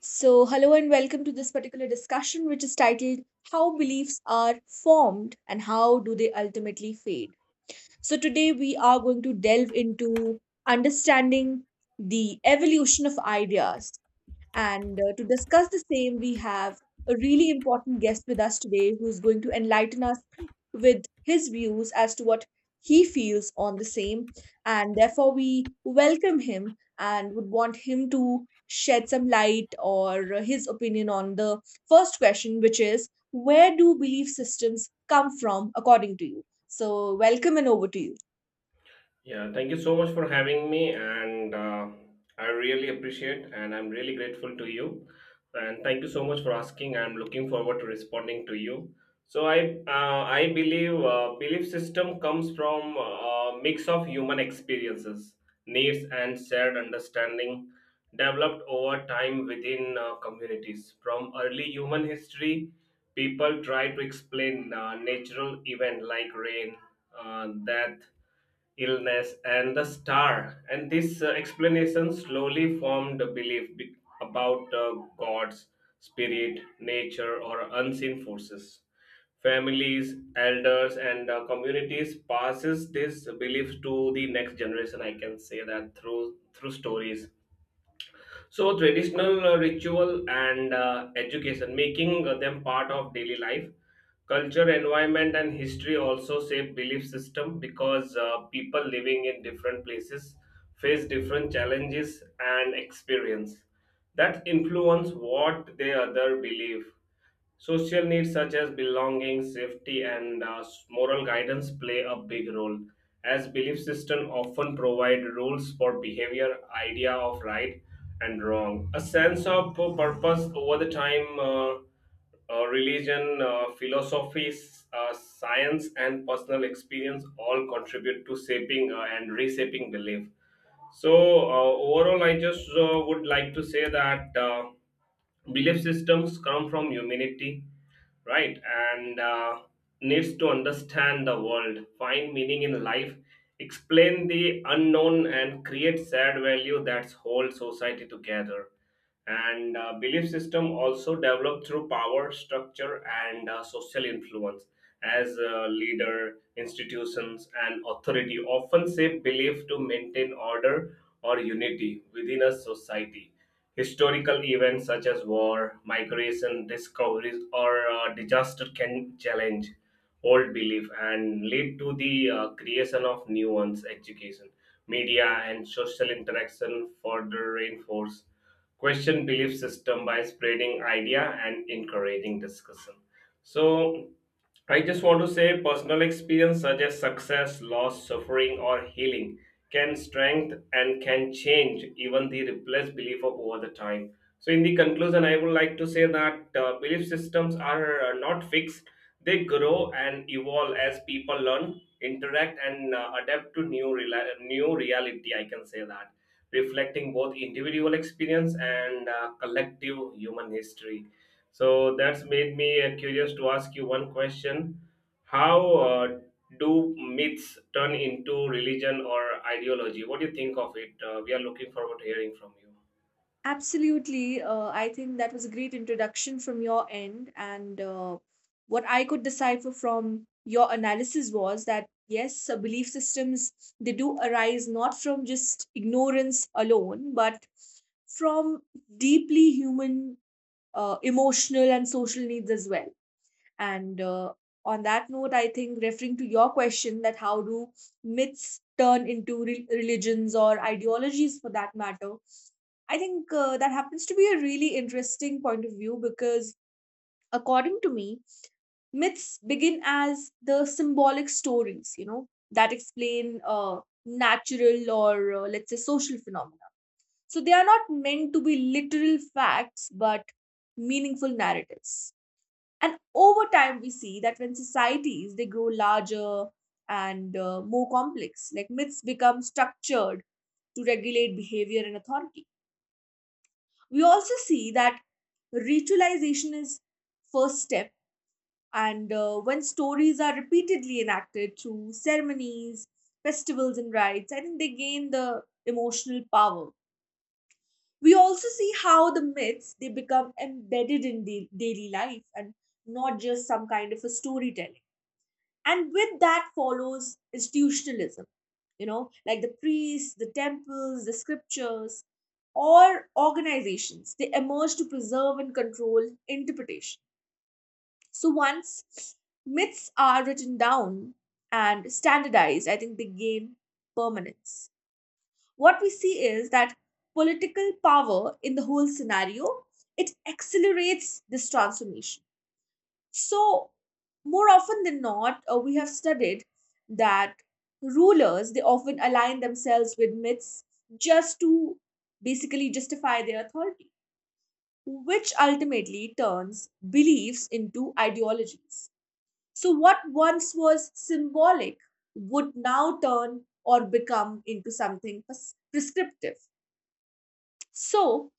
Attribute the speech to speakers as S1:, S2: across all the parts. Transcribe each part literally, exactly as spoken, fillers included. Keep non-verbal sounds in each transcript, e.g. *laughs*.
S1: So, hello and welcome to this particular discussion, which is titled How Beliefs Are Formed and How Do They Ultimately Fade. So, today we are going to delve into understanding the evolution of ideas and uh, to discuss the same, we have a really important guest with us today who is going to enlighten us with his views as to what he feels on the same. And therefore, we welcome him and would want him to shed some light or uh, his opinion on the first question, which is where do belief systems come from according to you? So, welcome and over to you.
S2: Yeah, thank you so much for having me, and uh, I really appreciate, and I'm really grateful to you, and thank you so much for asking. I'm looking forward to responding to you. So I uh, I believe uh, belief system comes from a mix of human experiences, needs, and shared understanding developed over time within uh, communities. From early human history, people try to explain uh, natural event like rain, uh, death illness, and the star. And this uh, explanation slowly formed a belief be- about uh, gods, spirit, nature, or unseen forces. Families, elders, and uh, communities passes this belief to the next generation. I can say that through through stories, so traditional uh, ritual and uh, education, making uh, them part of daily life, culture, environment, and history also shape belief system because uh, people living in different places face different challenges and experience that influence what they other believe. Social needs such as belonging, safety, and uh, moral guidance play a big role, as belief systems often provide rules for behavior, idea of right and wrong, a sense of purpose over the time. Uh, uh, religion, uh, philosophy, s- uh, science, and personal experience all contribute to shaping uh, and reshaping belief. So uh, overall, I just uh, would like to say that uh, belief systems come from humanity, right? And uh, needs to understand the world, find meaning in life, explain the unknown, and create shared value that's whole society together. And uh, belief system also developed through power structure and uh, social influence as a leader, institutions, and authority often shape belief to maintain order or unity within a society. Historical events such as war, migration, discoveries, or uh, disaster can challenge old belief and lead to the uh, creation of new ones. Education, media, and social interaction further reinforce question belief system by spreading idea and encouraging discussion. So I just want to say personal experience such as success, loss, suffering, or healing can strengthen and can change even the replaced belief of over the time. So, in the conclusion, I would like to say that uh, belief systems are uh, not fixed, they grow and evolve as people learn, interact, and uh, adapt to new, rela- new reality. I can say that, reflecting both individual experience and uh, collective human history. So that's made me uh, curious to ask you one question. How uh, do myths turn into religion or ideology? What do you think of it? Uh, we are looking forward to hearing from you.
S1: Absolutely. Uh, I think that was a great introduction from your end. And uh, what I could decipher from your analysis was that yes, uh, belief systems they do arise not from just ignorance alone, but from deeply human, uh, emotional, and social needs as well. And uh, on that note, I think referring to your question that how do myths turn into re- religions or ideologies for that matter, I think uh, that happens to be a really interesting point of view because, according to me, myths begin as the symbolic stories, you know, that explain uh, natural or uh, let's say social phenomena. So they are not meant to be literal facts, but meaningful narratives. And over time we see that when societies they grow larger and uh, more complex, like myths become structured to regulate behavior and authority. We also see that ritualization is first step, and uh, when stories are repeatedly enacted through ceremonies, festivals, and rites, I think they gain the emotional power. We also see how the myths they become embedded in da- daily life and not just some kind of a storytelling. And with that follows institutionalism, you know, like the priests, the temples, the scriptures, or organizations they emerge to preserve and control interpretation. So once myths are written down and standardized, I think they gain permanence. What we see is that political power in the whole scenario, it accelerates this transformation. So, more often than not, uh, we have studied that rulers they often align themselves with myths just to basically justify their authority, which ultimately turns beliefs into ideologies. So, what once was symbolic would now turn or become into something pres- prescriptive. So,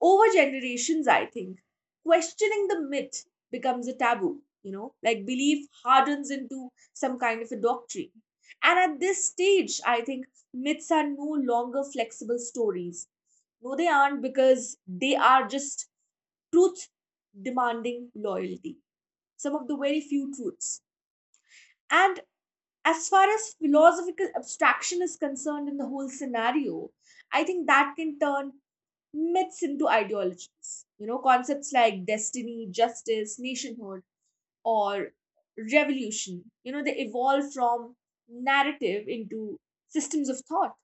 S1: over generations, I think, questioning the myth becomes a taboo, you know, like belief hardens into some kind of a doctrine. And at this stage, I think myths are no longer flexible stories. No, they aren't because they are just truth demanding loyalty. Some of the very few truths. And as far as philosophical abstraction is concerned in the whole scenario, I think that can turn myths into ideologies. You know, concepts like destiny, justice, nationhood, or revolution, you know, they evolve from narrative into systems of thought.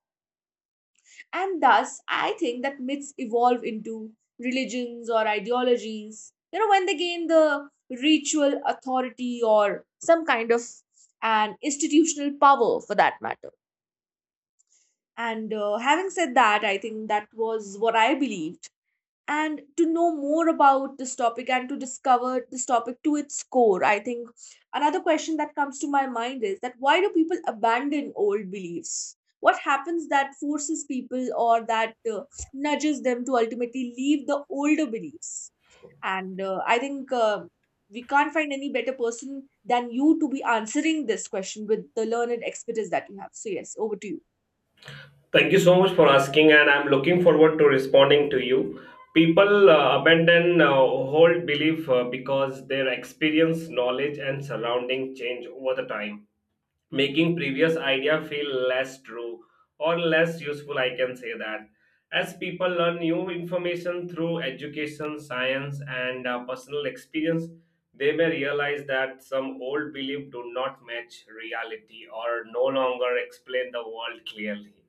S1: And thus, I think that myths evolve into religions or ideologies, you know, when they gain the ritual authority or some kind of an institutional power for that matter. And uh, having said that, I think that was what I believed, and to know more about this topic and to discover this topic to its core, I think another question that comes to my mind is that why do people abandon old beliefs? What happens that forces people or that uh, nudges them to ultimately leave the older beliefs? And uh, i think uh, we can't find any better person than you to be answering this question with the learned expertise that you have, so yes, over to you.
S2: Thank you so much for asking, and I'm looking forward to responding to you. People uh, abandon uh, hold belief uh, because their experience, knowledge, and surrounding change over the time, making previous idea feel less true or less useful. I can say that as people learn new information through education, science, and uh, personal experience, they may realize that some old beliefs do not match reality or no longer explain the world clearly.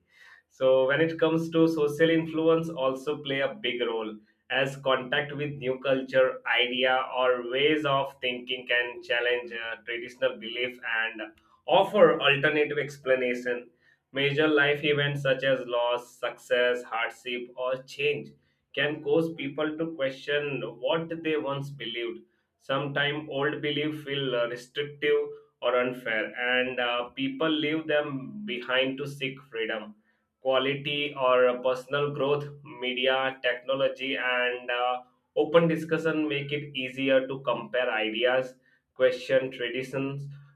S2: So when it comes to social influence, also play a big role as contact with new culture idea or ways of thinking can challenge uh, traditional belief and offer alternative explanation. Major life events such as loss, success, hardship, or change can cause people to question what they once believed. Sometimes old beliefs feel uh, restrictive or unfair, and uh, people leave them behind to seek freedom, quality, or uh, personal growth. Media, technology, and uh, open discussion make it easier to compare ideas, question tradition.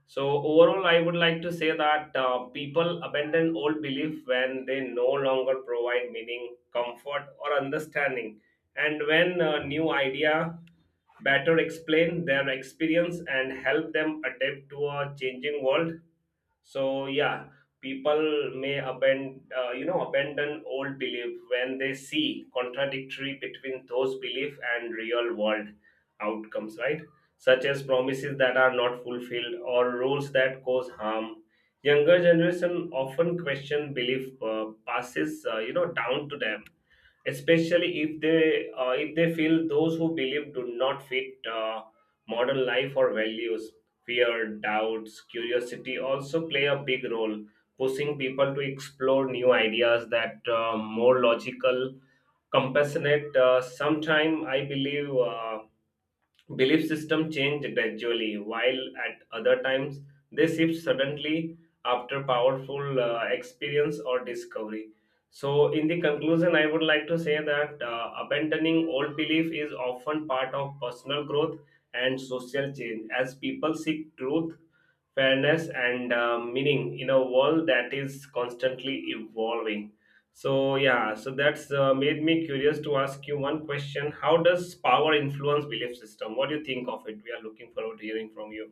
S2: So overall, I would like to say that uh, people abandon old belief when they no longer provide meaning, comfort, or understanding, and when uh, new idea better explain their experience and help them adapt to a changing world. So yeah, people may abandon, uh, you know, abandon old belief when they see contradictory between those belief and real world outcomes, right? Such as promises that are not fulfilled or rules that cause harm. Younger generation often question belief uh, passes, uh, you know, down to them, especially if they uh, if they feel those who believe do not fit uh, modern life or values. Fear, doubts, curiosity also play a big role, pushing people to explore new ideas that uh, more logical, compassionate. Uh, sometime I believe uh, belief system change gradually, while at other times they shift suddenly after powerful uh, experience or discovery. So, in the conclusion, I would like to say that uh, abandoning old belief is often part of personal growth and social change as people seek truth, fairness, and uh, meaning in a world that is constantly evolving. So yeah, so that's uh, made me curious to ask you one question. How does power influence belief system? What do you think of it? We are looking forward to hearing from you.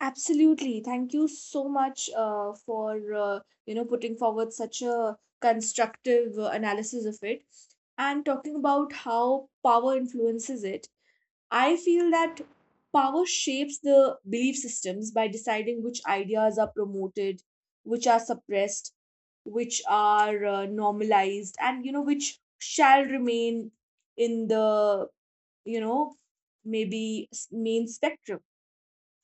S1: Absolutely. Thank you so much uh, for uh, you know putting forward such a constructive uh, analysis of it and talking about how power influences it. I feel that power shapes the belief systems by deciding which ideas are promoted, which are suppressed, which are uh, normalized, and you know which shall remain in the, you know, maybe s- main spectrum.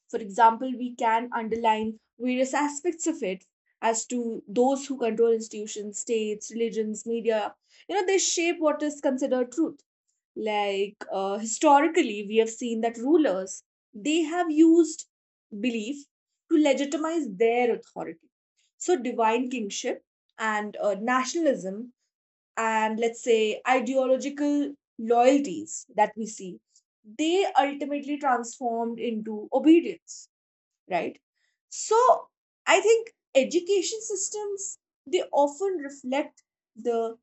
S1: For example, we can underline various aspects of it as to those who control institutions, states, religions, media. You know, they shape what is considered truth. Like uh, historically, we have seen that rulers they have used belief to legitimize their authority. So, divine kingship and uh, nationalism and let's say ideological loyalties that we see, they ultimately transformed into obedience, right? So I think education systems they often reflect the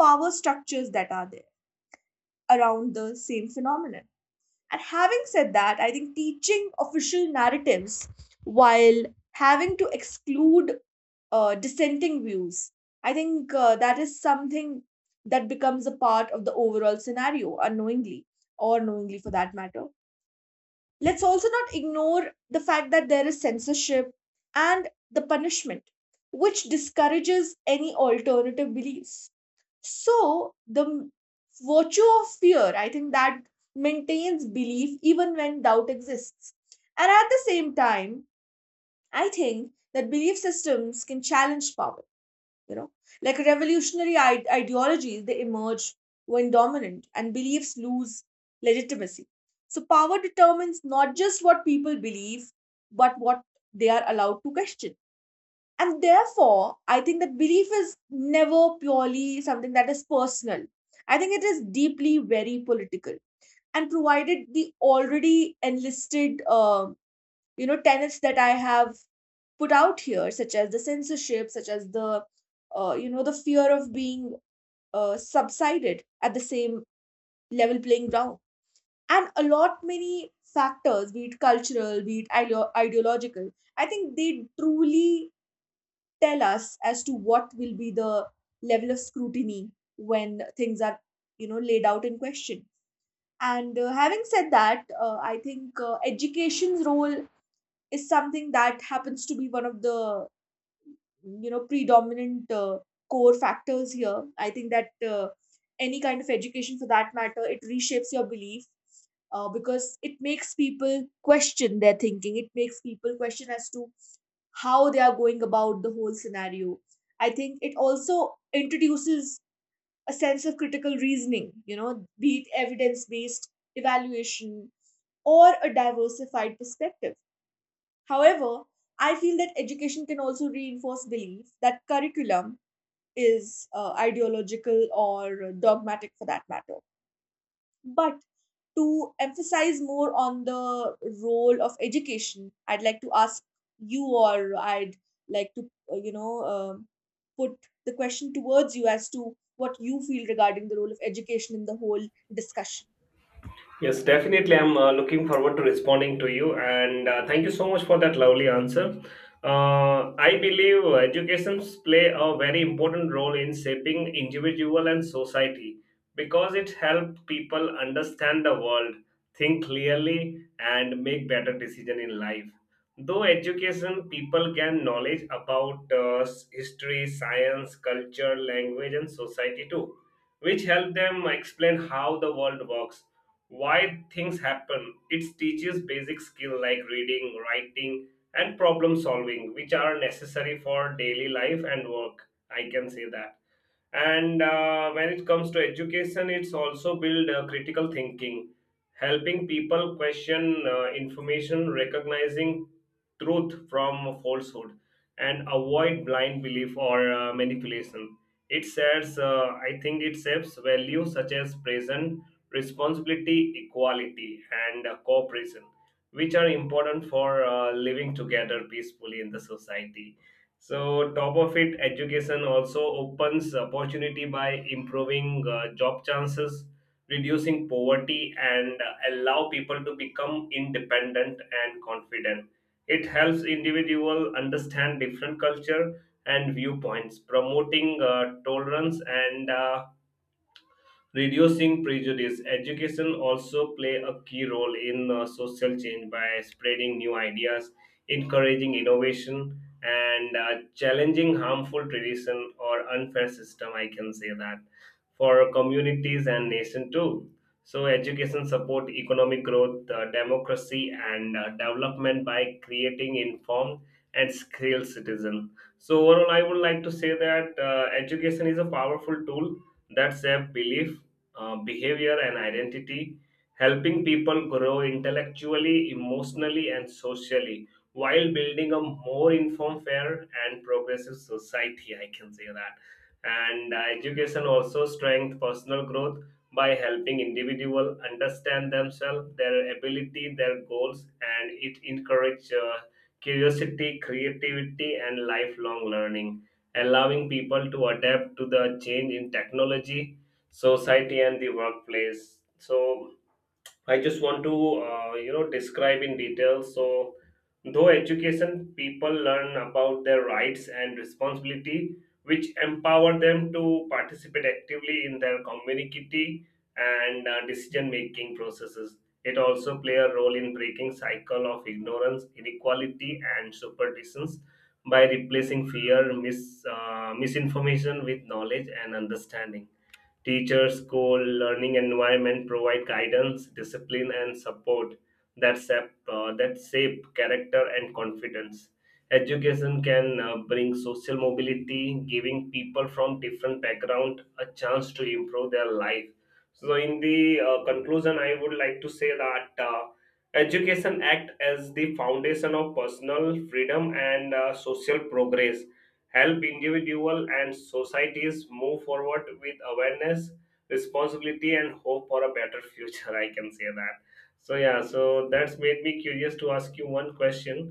S1: power structures that are there around the same phenomenon. And having said that, I think teaching official narratives while having to exclude uh, dissenting views, I think uh, that is something that becomes a part of the overall scenario unknowingly or knowingly for that matter. Let's also not ignore the fact that there is censorship and the punishment, which discourages any alternative beliefs. So, the virtue of fear, I think that maintains belief even when doubt exists. And at the same time, I think that belief systems can challenge power, you know, like revolutionary ide- ideologies they emerge when dominant and beliefs lose legitimacy. So power determines not just what people believe, but what they are allowed to question. And therefore, I think that belief is never purely something that is personal. I think it is deeply very political. And provided the already enlisted um you know tenets that I have put out here, such as the censorship, such as the uh, you know the fear of being uh, subsided at the same level playing ground, and a lot many factors, be it cultural, be it ideo- ideological, I think they truly tell us as to what will be the level of scrutiny when things are, you know, laid out in question. And uh, having said that, uh, I think uh, education's role is something that happens to be one of the, you know, predominant uh, core factors here. I think that uh, any kind of education for that matter, it reshapes your belief, uh, because it makes people question their thinking, it makes people question as to how they are going about the whole scenario. I think it also introduces a sense of critical reasoning, you know, be it evidence based evaluation or a diversified perspective. However, I feel that education can also reinforce belief that curriculum is uh, ideological or dogmatic for that matter. But to emphasize more on the role of education, I'd like to ask you, or I'd like to, uh, you know, um, put the question towards you as to what you feel regarding the role of education in the whole discussion.
S2: Yes, definitely. I'm uh, looking forward to responding to you, and uh, thank you so much for that lovely answer. Uh, I believe educations play a very important role in shaping individual and society because it helps people understand the world, think clearly, and make better decision in life. Though education, people gain knowledge about uh, s- history, science, culture, language, and society too, which help them explain how the world works, why things happen. It teaches basic skill like reading, writing, and problem solving, which are necessary for daily life and work. I can say that. And uh, when it comes to education, it's also build uh, critical thinking, helping people question uh, information, recognizing truth from falsehood, and avoid blind belief or uh, manipulation. It shares uh, I think it saves values such as present, responsibility, equality, and uh, cooperation, which are important for uh, living together peacefully in the society. So, top of it, education also opens opportunity by improving uh, job chances, reducing poverty, and uh, allow people to become independent and confident. It helps individual understand different culture and viewpoints, promoting uh, tolerance and uh, reducing prejudice. Education also play a key role in uh, social change by spreading new ideas, encouraging innovation, and uh, challenging harmful tradition or unfair system. I can say that for communities and nation too. So education support economic growth, uh, democracy, and uh, development by creating informed and skilled citizen. So overall, I would like to say that uh, education is a powerful tool that shape belief, uh, behavior, and identity, helping people grow intellectually, emotionally, and socially, while building a more informed, fair, and progressive society. I can say that. And uh, education also strengthens personal growth by helping individual understand themselves, their ability, their goals, and it encourages uh, curiosity, creativity, and lifelong learning, allowing people to adapt to the change in technology, society, and the workplace. So I just want to uh, you know describe in detail. So, though education, people learn about their rights and responsibility, which empower them to participate actively in their community and uh, decision making processes. It also play a role in breaking cycle of ignorance, inequality, and superstitions by replacing fear mis, uh, misinformation with knowledge and understanding. Teachers, school, learning environment provide guidance, discipline, and support that shape, uh, that shape character and confidence. Education can uh, bring social mobility, giving people from different background a chance to improve their life. So, in the uh, conclusion, I would like to say that uh, education act as the foundation of personal freedom and uh, social progress, help individual and societies move forward with awareness, responsibility, and hope for a better future. *laughs* I can say that. So yeah, so that's made me curious to ask you one question.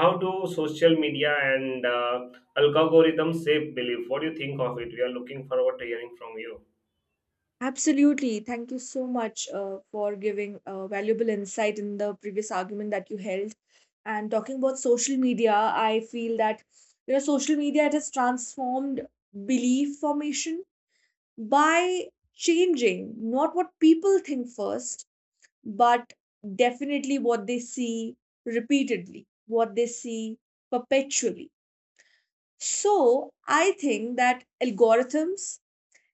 S2: How do social media and uh, algorithms shape belief? What do you think of it? We are looking forward to hearing from you.
S1: Absolutely. Thank you so much uh, for giving uh, valuable insight in the previous argument that you held. And talking about social media, I feel that you know social media it has transformed belief formation by changing not what people think first, but definitely what they see repeatedly, what they see perpetually. So I think that algorithms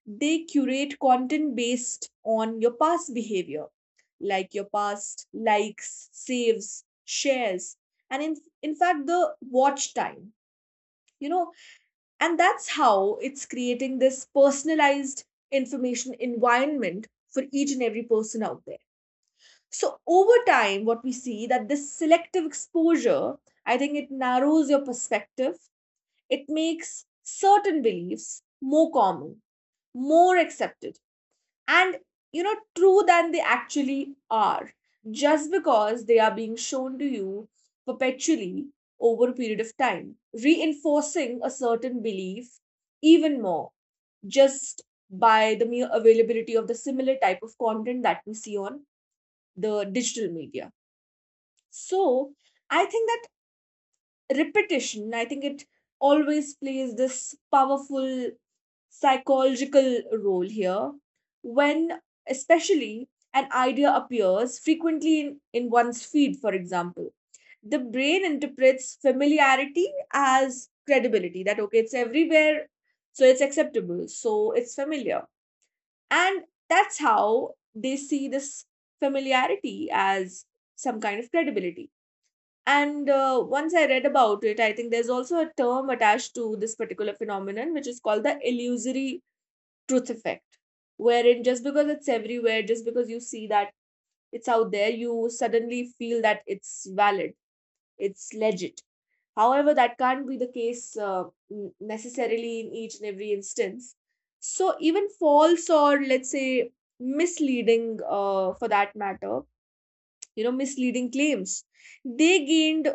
S1: they curate content based on your past behavior, like your past likes, saves, shares, and in, in fact, the watch time, you know. And that's how it's creating this personalized information environment for each and every person out there. So, over time, what we see that this selective exposure, I think it narrows your perspective, it makes certain beliefs more common, more accepted and you know true than they actually are, just because they are being shown to you perpetually over a period of time, reinforcing a certain belief even more, just by the mere availability of the similar type of content that we see on the digital media. So I think that repetition, I think it always plays this powerful psychological role here, when especially an idea appears frequently in, in one's feed, for example, the brain interprets familiarity as credibility, that okay it's everywhere, so it's acceptable, so it's familiar. And that's how they see this familiarity as some kind of credibility. And uh, once I read about it, I think there's also a term attached to this particular phenomenon, which is called the illusory truth effect, wherein just because it's everywhere, just because you see that it's out there, you suddenly feel that it's valid, it's legit. However, that can't be the case uh, n- necessarily in each and every instance. So, even false or let's say misleading, uh, for that matter, you know misleading claims they gained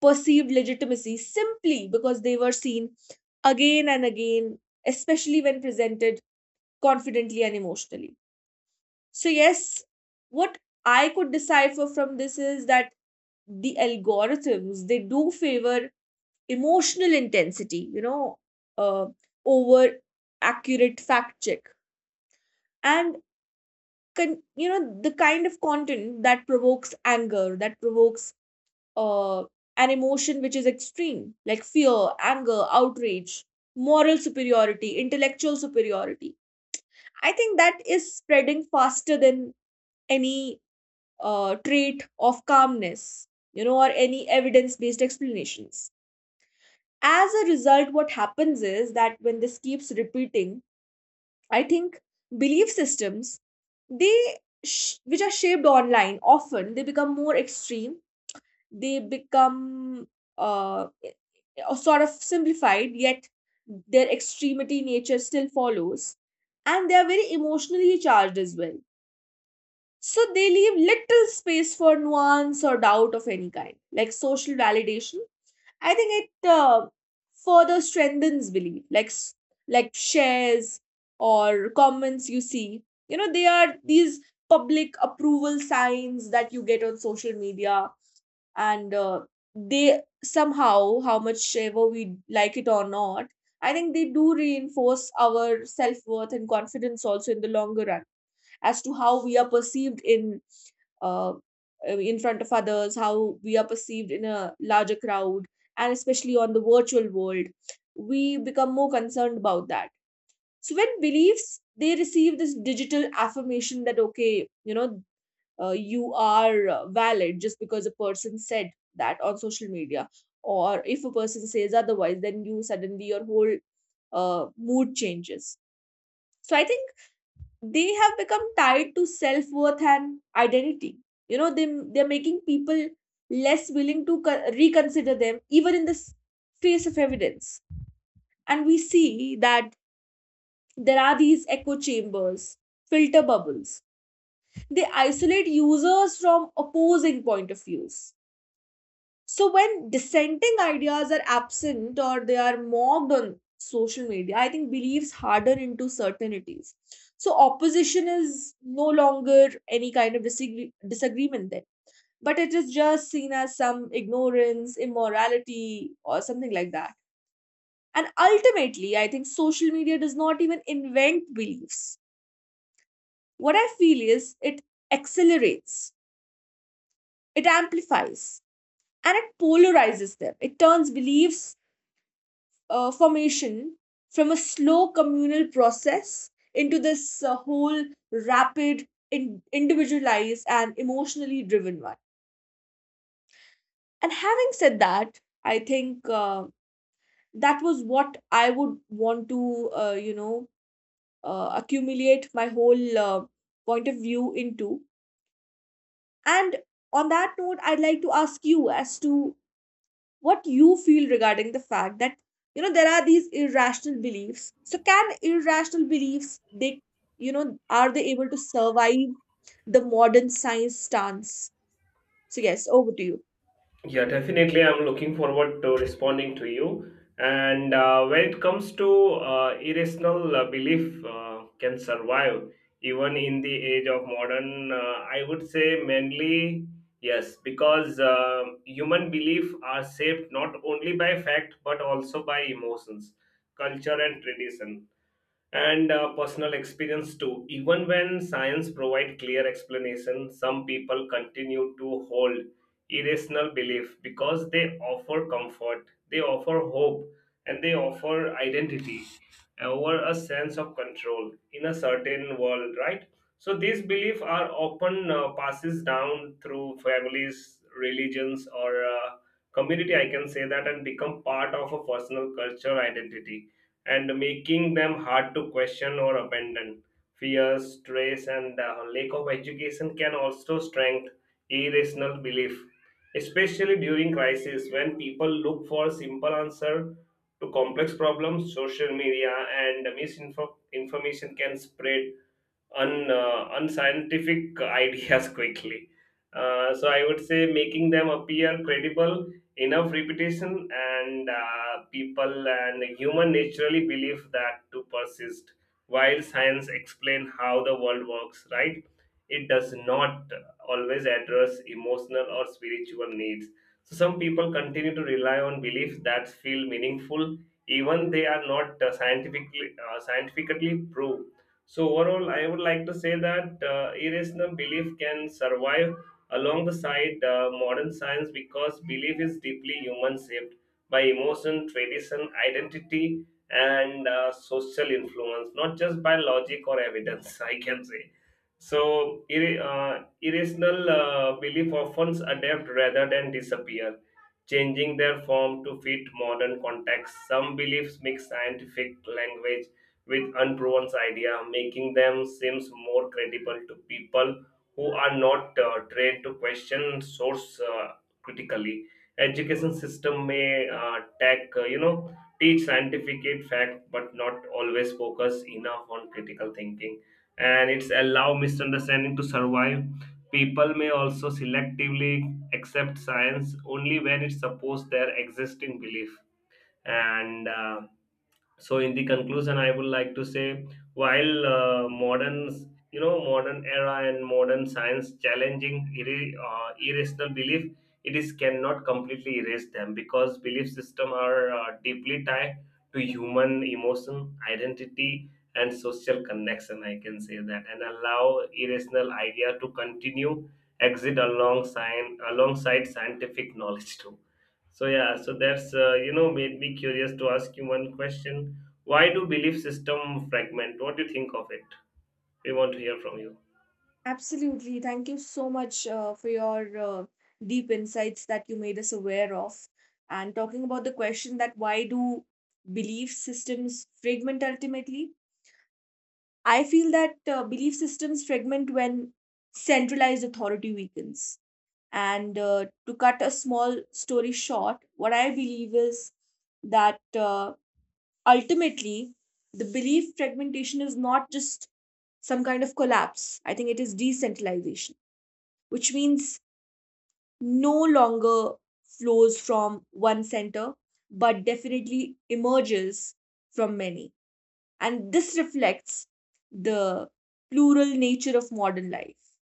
S1: perceived legitimacy simply because they were seen again and again, especially when presented confidently and emotionally. So yes, what I could decipher from this is that the algorithms they do favor emotional intensity, you know, uh, over accurate fact check, and con- you know the kind of content that provokes anger, that provokes uh, an emotion which is extreme, like fear, anger, outrage, moral superiority, intellectual superiority. I think that is spreading faster than any uh, trait of calmness, you know, or any evidence based explanations. As a result, what happens is that when this keeps repeating, I think belief systems, they sh- which are shaped online often they become more extreme, they become uh, i- i- sort of simplified, yet their extremity nature still follows. And they are very emotionally charged as well. So they leave little space for nuance or doubt of any kind, like social validation. I think it uh, further strengthens belief, like s- like shares or comments you see. You know, they are these public approval signs that you get on social media, and uh, they somehow, how much ever we like it or not, I think they do reinforce our self-worth and confidence also in the longer run, as to how we are perceived in uh, in front of others, how we are perceived in a larger crowd, and especially on the virtual world we become more concerned about that. So when beliefs, they receive this digital affirmation that okay, you know uh, you are uh, valid just because a person said that on social media, or if a person says otherwise, then you suddenly your whole uh, mood changes. So I think they have become tied to self-worth and identity, you know, they they're making people less willing to co- reconsider them even in the s- face of evidence. And we see that there are these echo chambers, filter bubbles, they isolate users from opposing point of views. So when dissenting ideas are absent or they are mocked on social media, I think believes harder into certainties. So opposition is no longer any kind of disagree- disagreement then, but it is just seen as some ignorance, immorality, or something like that. And ultimately, I think social media does not even invent beliefs. What I feel is it accelerates, it amplifies, and it polarizes them. It turns beliefs uh, formation from a slow communal process into this uh, whole rapid, in- individualized, and emotionally driven one. And having said that, I think uh, that was what I would want to, uh, you know, uh, accumulate my whole uh, point of view into. And on that note, I'd like to ask you as to what you feel regarding the fact that, you know, there are these irrational beliefs. So can irrational beliefs, they, you know, are they able to survive the modern science stance? So yes, over to you.
S2: Yeah, definitely. I'm looking forward to responding to you. And uh, when it comes to uh, irrational uh, belief uh, can survive even in the age of modern, uh, I would say mainly yes, because um human belief are shaped not only by fact but also by emotions, culture, and tradition, and uh, personal experience too. Even when science provide clear explanation, some people continue to hold irrational belief because they offer comfort, they offer hope, and they offer identity over a sense of control in a certain world, right? So these beliefs are often uh, passes down through families, religions, or uh, community. I can say that and become part of a personal culture identity and making them hard to question or abandon. Fear, stress, and uh, lack of education can also strengthen irrational belief, especially during crisis when people look for simple answer to complex problems. Social media and misinformation can spread un, uh, unscientific ideas *laughs* quickly. Uh, so I would say making them appear credible, enough repetition, and uh, people and human naturally believe that to persist. While science explain how the world works, right? It does not always address emotional or spiritual needs. So some people continue to rely on beliefs that feel meaningful, even they are not uh, scientifically uh, scientifically proved. So, overall, I would like to say that uh, irrational belief can survive alongside uh, modern science because belief is deeply human, shaped by emotion, tradition, identity, and uh, social influence, not just by logic or evidence, *laughs* I can say. So, ir- uh, irrational uh, belief often adapt rather than disappear, changing their form to fit modern context. Some beliefs mix scientific language with unproven idea, making them seems more credible to people who are not uh, trained to question source uh, critically. Education system may uh, tech, uh, you know, teach scientific fact, but not always focus enough on critical thinking, and it's allow misunderstanding to survive. People may also selectively accept science only when it supports their existing belief. And uh, so in the conclusion, I would like to say, while uh, modern, you know modern era and modern science challenging irri- uh, irrational belief, it is cannot completely erase them because belief system are uh, deeply tied to human emotion, identity, and social connection. I can say that and allow irrational idea to continue exit alongside alongside scientific knowledge too. So yeah, so that's uh, you know made me curious to ask you one question. Why do belief system fragment? What do you think of it? We want to hear from you.
S1: Absolutely, thank you so much uh, for your uh, deep insights that you made us aware of. And talking about the question that why do belief systems fragment, ultimately I feel that uh, belief systems fragment when centralized authority weakens. And uh, to cut a small story short, what I believe is that uh, ultimately the belief fragmentation is not just some kind of collapse. I think it is decentralization, which means no longer flows from one center, but definitely emerges from many. And this reflects the plural nature of modern life.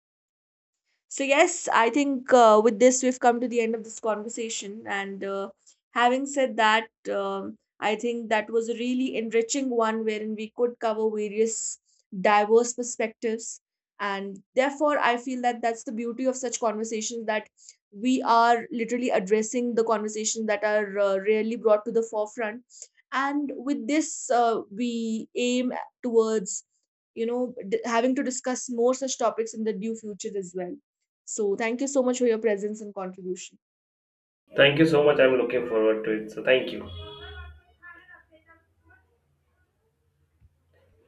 S1: So yes, I think uh, with this, we've come to the end of this conversation. And uh, having said that, um, I think that was a really enriching one wherein we could cover various diverse perspectives. And therefore, I feel that that's the beauty of such conversations, that we are literally addressing the conversations that are uh, rarely brought to the forefront. And with this, uh, we aim towards, you know, d- having to discuss more such topics in the due future as well. So, thank you so much for your presence and contribution.
S2: Thank you so much. I'm looking forward to it. So thank you.